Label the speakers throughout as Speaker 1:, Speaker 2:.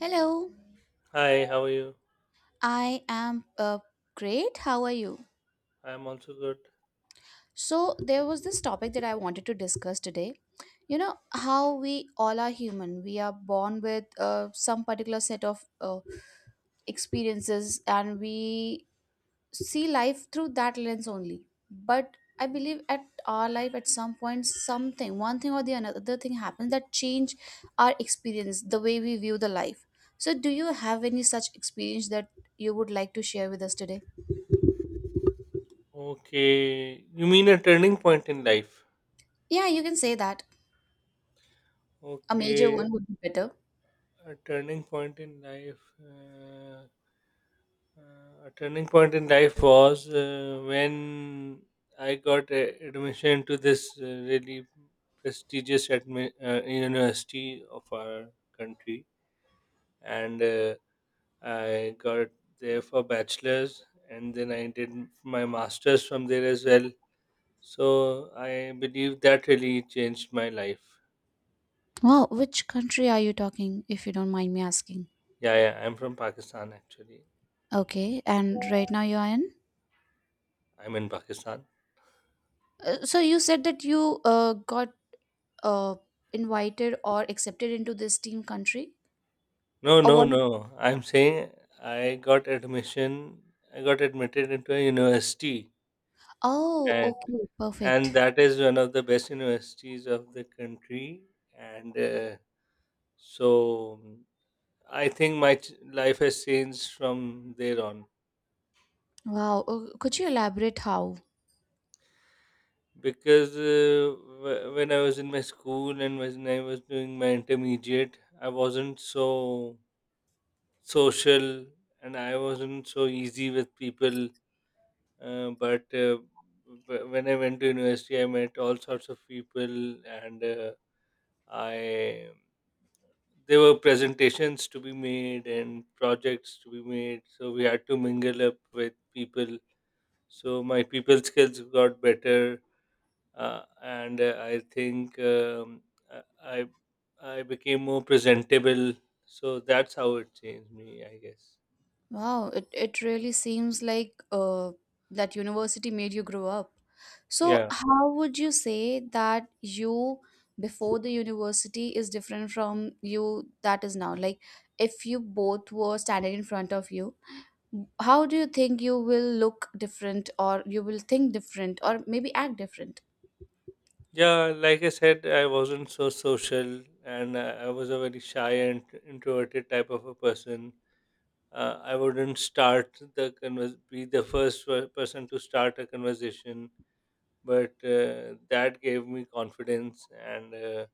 Speaker 1: Hello,
Speaker 2: Hi, how are you?
Speaker 1: I am great. How are you?
Speaker 2: I'm also good.
Speaker 1: So, there was this topic that I wanted to discuss today. How we all are human. We are born with some particular set of experiences, and we see life through that lens only. But I believe at our life, at some point, something, one thing or the another thing happens that change our experience, the way we view the life. So, do you have any such experience that you would like to share with us today?
Speaker 2: Okay, you mean a turning point in life?
Speaker 1: Yeah, you can say that. A major
Speaker 2: Okay,
Speaker 1: one would be better.
Speaker 2: a turning point in life. A turning point in life was when I got admission to this really prestigious university of our country, and I got there for bachelor's, and then I did my master's from there as well. So I believe that really changed my life.
Speaker 1: Wow, which country are you talking, if you don't mind me asking?
Speaker 2: Yeah, yeah. I'm from Pakistan actually.
Speaker 1: Okay, and right now you are in?
Speaker 2: I'm in Pakistan.
Speaker 1: So you said that you got uh, invited or accepted into this team country?
Speaker 2: No,
Speaker 1: Or
Speaker 2: no,
Speaker 1: was it?
Speaker 2: no. I'm saying I got admission. I got admitted into a university,
Speaker 1: Oh,
Speaker 2: and
Speaker 1: okay,
Speaker 2: and
Speaker 1: perfect.
Speaker 2: that is one of the best universities of the country. And so I think my life has changed from there on.
Speaker 1: Wow, could you elaborate how?
Speaker 2: Because when I was in my school and when I was doing my intermediate, I wasn't so social and I wasn't so easy with people. But when I went to university, I met all sorts of people, and I there were presentations to be made and projects to be made, so we had to mingle up with people. So my people skills got better and I think I I I became more presentable. So that's how it changed me, I guess.
Speaker 1: Wow, it really seems like that university made you grow up. So,
Speaker 2: Yeah,
Speaker 1: how would you say that you before the university is different from you that is now? Like, if you both were standing in front of you, how do you think you will look different, or you will think different, or maybe act different?
Speaker 2: yeah. Like I said, I wasn't so social, and I was a very shy and introverted type of a person. I wouldn't start the be the person to start a conversation, but that gave me confidence and.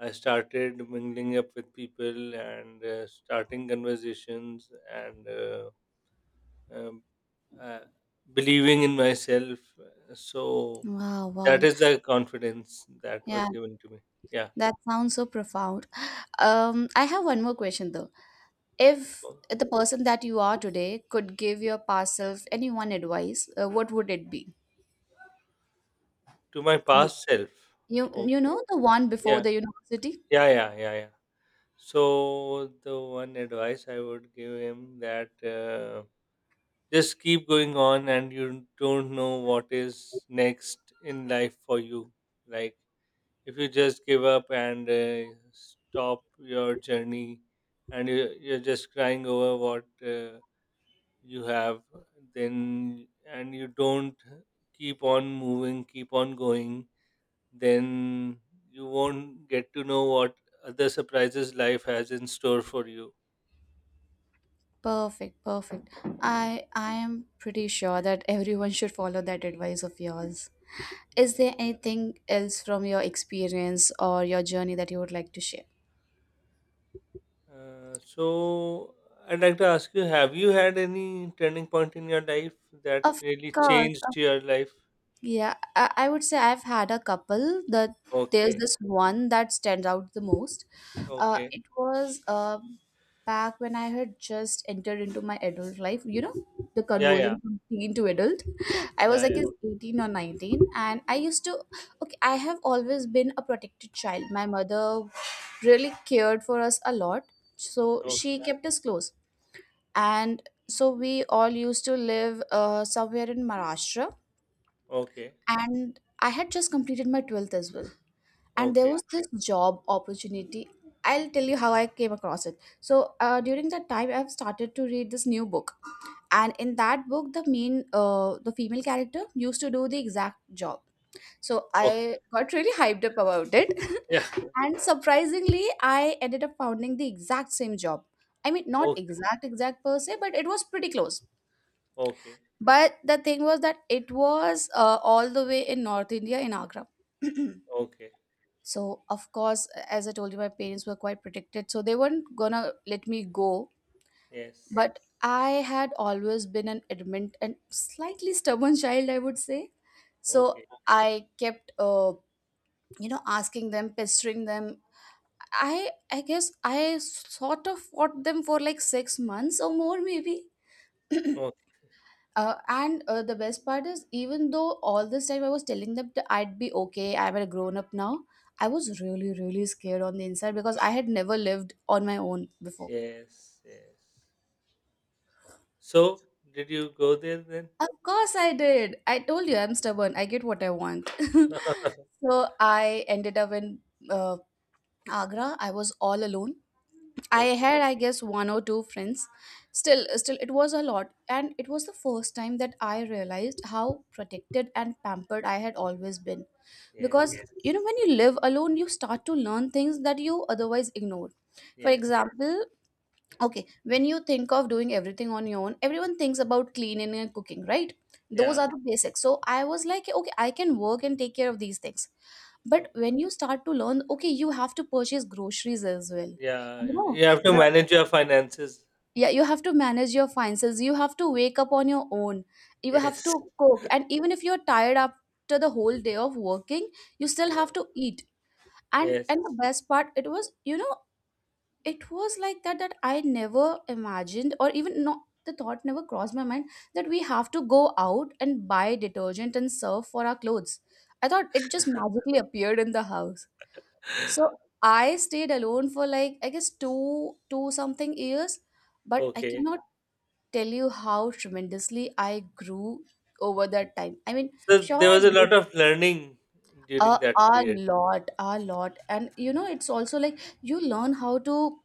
Speaker 2: I started mingling up with people and starting conversations and um, uh, believing in myself. So
Speaker 1: Wow,
Speaker 2: that
Speaker 1: wow.
Speaker 2: is the confidence that was
Speaker 1: Yeah,
Speaker 2: given to me. Yeah.
Speaker 1: that sounds so profound. I have one more question though. If
Speaker 2: Oh,
Speaker 1: the person that you are today could give your past self any one advice, what would it be?
Speaker 2: to my
Speaker 1: You,
Speaker 2: past self.
Speaker 1: you
Speaker 2: Okay.
Speaker 1: know the one before
Speaker 2: Yeah.
Speaker 1: the university?
Speaker 2: Yeah. Yeah. Yeah. Yeah. So the one advice I would give him that just keep going on, and you don't know what is next in life for you. Like if you just give up and stop your journey and you're just crying over what you have then and you don't keep on moving, keep on going, then you won't get to know what other surprises life has in store for you.
Speaker 1: Perfect, perfect. I am pretty sure that everyone should follow that advice of yours. Is
Speaker 2: Yeah.
Speaker 1: there anything else from your experience or your journey that you would like to share?
Speaker 2: So I'd like to ask, you have you had any turning point in your life that
Speaker 1: Of
Speaker 2: really
Speaker 1: course,
Speaker 2: changed your life?
Speaker 1: yeah, I would say I've had a couple that there's
Speaker 2: Okay,
Speaker 1: this one that stands out the most. Uh,
Speaker 2: okay.
Speaker 1: it was back when I had just entered into my adult life, the
Speaker 2: Yeah, yeah,
Speaker 1: conversion from teen to adult. I was like
Speaker 2: yeah.
Speaker 1: is 18 or 19, and I used to, okay, I have always been a protected child. My mother really cared for us a lot, so she
Speaker 2: Okay,
Speaker 1: kept us close. And so we all used to live somewhere in Maharashtra,
Speaker 2: okay,
Speaker 1: and I had just completed my 12th as well. And there
Speaker 2: okay,
Speaker 1: was this job opportunity. I'll tell you how I came across it. So, during that time, I've started to read this new book. And in that book, the female character used to do the exact job. So,
Speaker 2: okay.
Speaker 1: I got really hyped up about it.
Speaker 2: Yeah,
Speaker 1: And surprisingly, I ended up founding the exact same job. I mean, not
Speaker 2: okay,
Speaker 1: exact, exact per se, but it was pretty close.
Speaker 2: okay,
Speaker 1: But the thing was that it was all the way in North India, in Agra.
Speaker 2: okay.
Speaker 1: So, of course, as I told you, my parents were quite protected, so they weren't gonna let me go,
Speaker 2: Yes,
Speaker 1: but I had always been an adamant and slightly stubborn child, I would say. So
Speaker 2: okay,
Speaker 1: I kept asking them, pestering them. I guess I sort of fought them for like 6 months or more, maybe.
Speaker 2: okay.
Speaker 1: And the best part is, even though all this time I was telling them that I'd be okay, I'm a grown up now, I was really, really scared on the inside because I had never lived on my own before.
Speaker 2: Yes, yes. So, did you go there then?
Speaker 1: Of course, I did. I told you I'm stubborn. I get what I want. So I ended up in uh, Agra. I was all alone. I
Speaker 2: Okay,
Speaker 1: had, I guess, one or two friends. Still, it was a lot, and it was the first time that I realized how protected and pampered I had always been. Because,
Speaker 2: yes,
Speaker 1: yeah, you know, when you live alone, you start to learn things that you otherwise ignore. For
Speaker 2: yes.
Speaker 1: example, okay, when you think of doing everything on your own, everyone thinks about cleaning and cooking, right? Those
Speaker 2: Yeah,
Speaker 1: are the basics. So I was like, okay, I can work and take care of these things, but
Speaker 2: okay.
Speaker 1: when you start to learn, okay, you have to purchase groceries as well. You
Speaker 2: Yeah,
Speaker 1: know
Speaker 2: you have to
Speaker 1: the,
Speaker 2: manage your finances.
Speaker 1: yeah, you have to manage your finances, you have to wake up on your own, you have
Speaker 2: Yes,
Speaker 1: to cook, and even if you're tired after the whole day of working, you still have
Speaker 2: yeah,
Speaker 1: to eat. and
Speaker 2: yes.
Speaker 1: and the best part, it was, it was like that that I never imagined, or even not, the thought never crossed my mind that we have to go out and buy detergent and serve for our clothes. I thought it just magically appeared in the house. So I stayed alone for like, I guess, two something years, but I
Speaker 2: Okay.
Speaker 1: cannot tell you how tremendously I grew over that time. I mean,
Speaker 2: So,
Speaker 1: sure,
Speaker 2: there
Speaker 1: I
Speaker 2: was a lot
Speaker 1: did
Speaker 2: of learning during
Speaker 1: a,
Speaker 2: that
Speaker 1: a
Speaker 2: period.
Speaker 1: lot, a lot. And, it's also like you learn how to,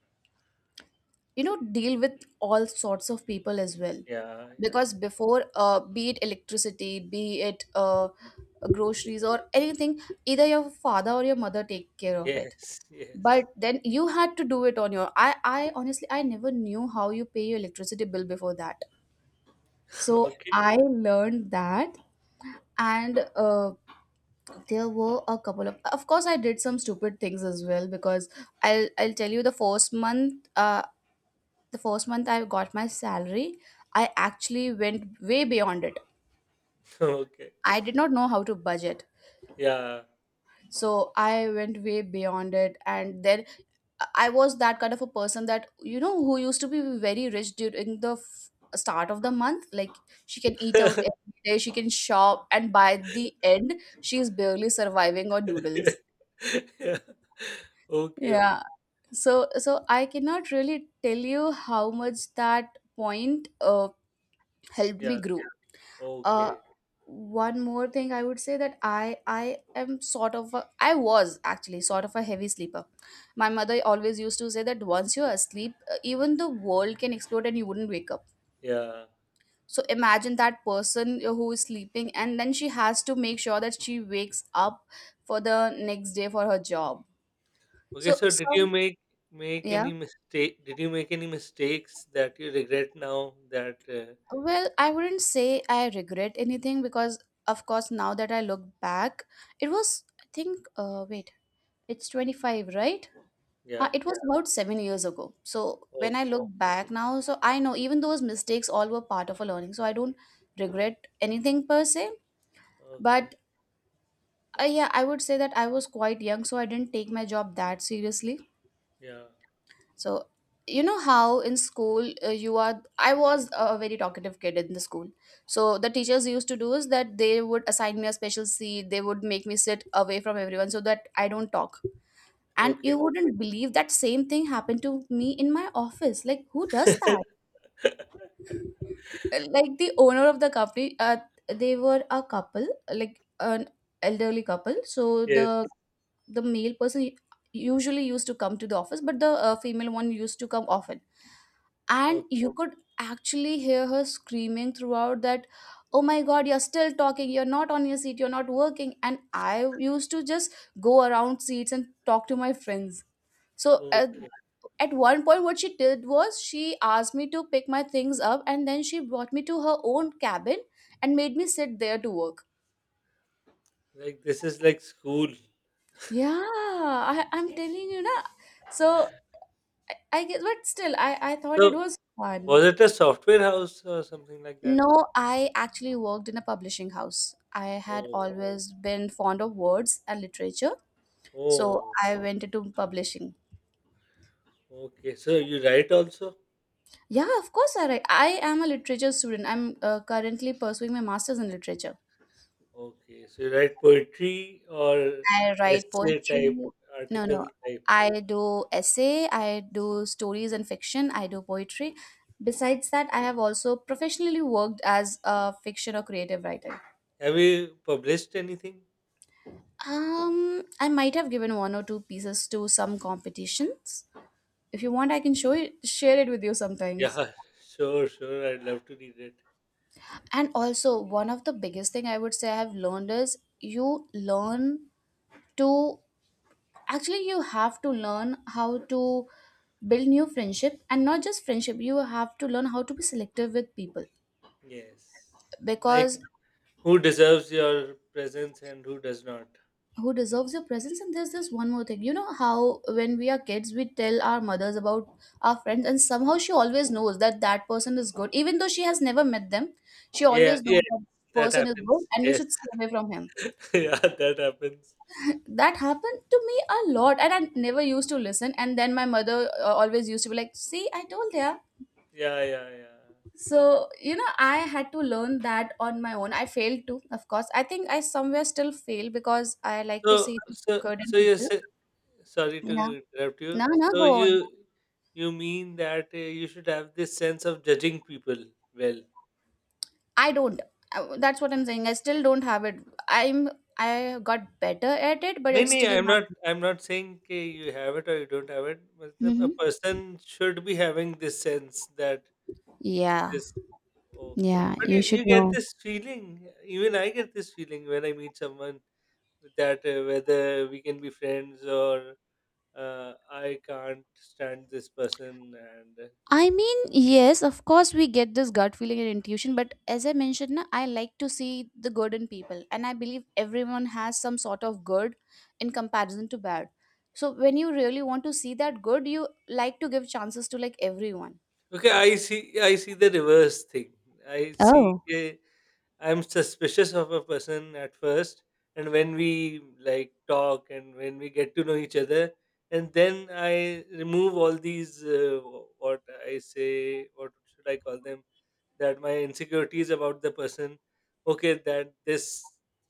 Speaker 1: deal with all sorts of people as well.
Speaker 2: Yeah, yeah.
Speaker 1: Because before, be it electricity, be it groceries or anything, either your father or your mother take care of it.
Speaker 2: Yes, yes.
Speaker 1: But then you had to do it on your. I honestly, I never knew how you pay your electricity bill before that. So
Speaker 2: Okay,
Speaker 1: I learned that, and there were a couple of course, I did some stupid things as well, because I'll tell you the first month, I got my salary. I actually went way beyond it.
Speaker 2: okay.
Speaker 1: I did not know how to budget.
Speaker 2: Yeah.
Speaker 1: So I went way beyond it, and then I was that kind of a person that, who used to be very rich during the start of the month, like she can eat out every day, she can shop, and by the end she's barely surviving on
Speaker 2: Yeah,
Speaker 1: noodles.
Speaker 2: yeah. Okay, okay.
Speaker 1: Yeah, so I cannot really tell you how much that point helped me
Speaker 2: Yeah.
Speaker 1: grow. Uh,
Speaker 2: Okay.
Speaker 1: one more thing I would say that I am I was actually sort of a heavy sleeper. My mother always used to say that once you're asleep, even the world can explode and you wouldn't wake up.
Speaker 2: Yeah.
Speaker 1: So imagine that person who is sleeping and then she has to make sure that she wakes up for the next day for her job.
Speaker 2: Okay,
Speaker 1: So
Speaker 2: so did you
Speaker 1: some
Speaker 2: make make
Speaker 1: Yeah.
Speaker 2: any mistake? Did you make any mistakes that you regret now that
Speaker 1: Well, I wouldn't say I regret anything because, of course, now that I look back, it was, I think, wait, it's 25, right? Uh,
Speaker 2: yeah.
Speaker 1: it was about 7 years ago. So when I
Speaker 2: Okay.
Speaker 1: look back now, so I know even those mistakes all were part of a learning. So I don't regret anything per se.
Speaker 2: Okay.
Speaker 1: But yeah, I would say that I was quite young, so I didn't take my job that seriously.
Speaker 2: Yeah.
Speaker 1: So, you know how in school I was a very talkative kid in the school. So, the teachers used to do is that they would assign me a special seat, they would make me sit away from everyone so that I don't talk. And
Speaker 2: Okay.
Speaker 1: you wouldn't believe that same thing happened to me in my office. Like, who does that? Like, the owner of the company, they were a couple, like an elderly couple. So, the
Speaker 2: Yes.
Speaker 1: male person usually used to come to the office, but the female one used to come often, and
Speaker 2: Okay.
Speaker 1: you could actually hear her screaming throughout that, "Oh my god, you're still talking, you're not on your seat, you're not working," and I used to just go around seats and talk to my friends. So at,
Speaker 2: Okay.
Speaker 1: one point what she did was she asked me to pick my things up and then she brought me to her own cabin and made me sit there to work.
Speaker 2: Like this is like school.
Speaker 1: Yeah, I'm telling you, na. So I guess, but still I thought it
Speaker 2: So
Speaker 1: was fun.
Speaker 2: was it a software house or something like that?
Speaker 1: No, I actually worked in a publishing house. I had
Speaker 2: Oh.
Speaker 1: always been fond of words and literature, so
Speaker 2: Oh.
Speaker 1: I went into publishing.
Speaker 2: Okay. So you write also?
Speaker 1: Yeah, of course, I write. I am a literature student. I'm currently pursuing my master's in literature.
Speaker 2: Okay, so you write poetry or
Speaker 1: I write
Speaker 2: essay
Speaker 1: poetry.
Speaker 2: type,
Speaker 1: No,
Speaker 2: article
Speaker 1: no.
Speaker 2: type.
Speaker 1: I do essay, I do stories and fiction, I do poetry. Besides that, I have also professionally worked as a fiction or creative writer.
Speaker 2: Have you published anything?
Speaker 1: I might have given one or two pieces to some competitions. If you want,
Speaker 2: Okay.
Speaker 1: I can show it, share it with you sometimes.
Speaker 2: Yeah, sure, sure. I'd love to read it.
Speaker 1: And also, one of the biggest thing I would say I have learned is you learn to actually you have to learn how to build new friendship and not just friendship. You have to learn how to be selective with people
Speaker 2: Yes.
Speaker 1: because
Speaker 2: Like who deserves your presence and who does not.
Speaker 1: who deserves your presence, and there's this one more thing, you know how when we are kids we tell our mothers about our friends and somehow she always knows that that person is good, even though she has never met them. She
Speaker 2: Yeah,
Speaker 1: always
Speaker 2: yeah,
Speaker 1: knows that
Speaker 2: that
Speaker 1: person is good
Speaker 2: happens.
Speaker 1: and you
Speaker 2: Yes.
Speaker 1: should stay away from him.
Speaker 2: Yeah, that happens.
Speaker 1: That happened to me a lot, and I never used to listen, and then my mother always used to be like, see, I told ya.
Speaker 2: Yeah, yeah, yeah.
Speaker 1: So, I had to learn that on my own. I failed too, of course. I think I somewhere still fail because I like
Speaker 2: So
Speaker 1: to see the
Speaker 2: so
Speaker 1: good
Speaker 2: so
Speaker 1: in
Speaker 2: you
Speaker 1: people.
Speaker 2: say sorry to
Speaker 1: Yeah,
Speaker 2: interrupt
Speaker 1: no,
Speaker 2: you.
Speaker 1: no,
Speaker 2: So
Speaker 1: go on.
Speaker 2: you mean that you should have this sense of judging people well.
Speaker 1: I don't. That's what I'm saying. I still don't have it. I'm. I got better at it, but
Speaker 2: No,
Speaker 1: it's
Speaker 2: no,
Speaker 1: still
Speaker 2: I'm
Speaker 1: not.
Speaker 2: not. I'm not saying कि you have it or you don't have it. मतलब a
Speaker 1: Hmm.
Speaker 2: person should be having this sense that
Speaker 1: Yeah.
Speaker 2: this okay.
Speaker 1: Yeah.
Speaker 2: But
Speaker 1: You
Speaker 2: you,
Speaker 1: should
Speaker 2: you get
Speaker 1: know.
Speaker 2: this feeling. Even I get this feeling when I meet someone that whether we can be friends or I can't stand this person and
Speaker 1: I mean, yes, of course, we get this gut feeling and intuition, but as I mentioned, na, I like to see the good in people, and I believe everyone has some sort of good in comparison to bad. So when you really want to see that good, you like to give chances to like everyone.
Speaker 2: okay, I see. I see the reverse thing. I see.
Speaker 1: Oh.
Speaker 2: I am suspicious of a person at first, and when we like talk and when we get to know each other, and then I remove all these what I say. What should I call them? That my insecurities about the person. Okay, that this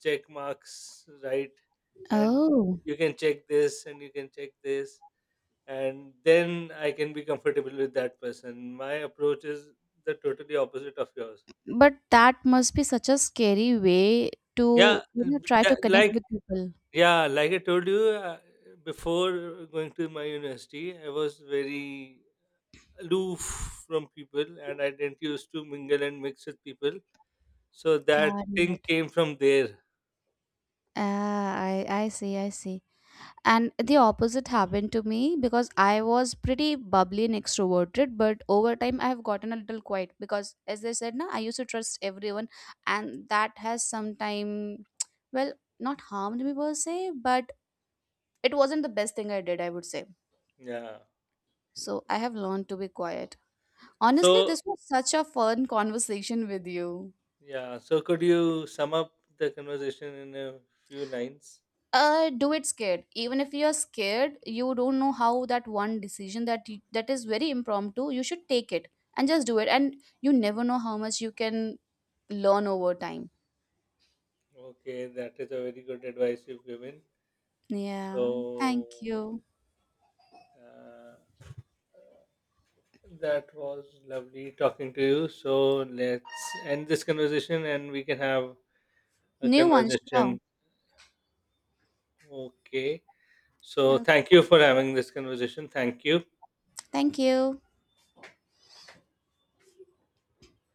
Speaker 2: check marks right, and
Speaker 1: Oh.
Speaker 2: you can check this, and you can check this and then I can be comfortable with that person. My approach is the totally opposite of yours.
Speaker 1: But that must be such a scary way
Speaker 2: Yeah,
Speaker 1: to,
Speaker 2: and
Speaker 1: try to connect
Speaker 2: like
Speaker 1: with people.
Speaker 2: yeah, like I told you before going to my university, I was very aloof from people, and I didn't used to mingle and mix with people. So that
Speaker 1: Got
Speaker 2: thing
Speaker 1: it.
Speaker 2: came from there.
Speaker 1: Ah, I see, I see. And the opposite happened to me because I was pretty bubbly and extroverted, but over time I have gotten a little quiet because, as I said, na, I used to trust everyone, and that has sometime, well, not harmed me per se, but it wasn't the best thing I did, I would say.
Speaker 2: Yeah.
Speaker 1: So I have learned to be quiet. Honestly,
Speaker 2: So
Speaker 1: this was such a fun conversation with you.
Speaker 2: yeah. So could you sum up the conversation in a few lines?
Speaker 1: Do it scared, even if you're scared, you don't know how that one decision that that is very impromptu you should take it, and just do it, and you never know how much you can learn over time.
Speaker 2: Okay, that is a very good advice you've given.
Speaker 1: Yeah,
Speaker 2: So
Speaker 1: thank you.
Speaker 2: uh, that was lovely talking to you. So let's end this conversation and we can have a
Speaker 1: New one, sure.
Speaker 2: conversation. Okay. So
Speaker 1: Uh,
Speaker 2: thank you for having this conversation. Thank you.
Speaker 1: thank you.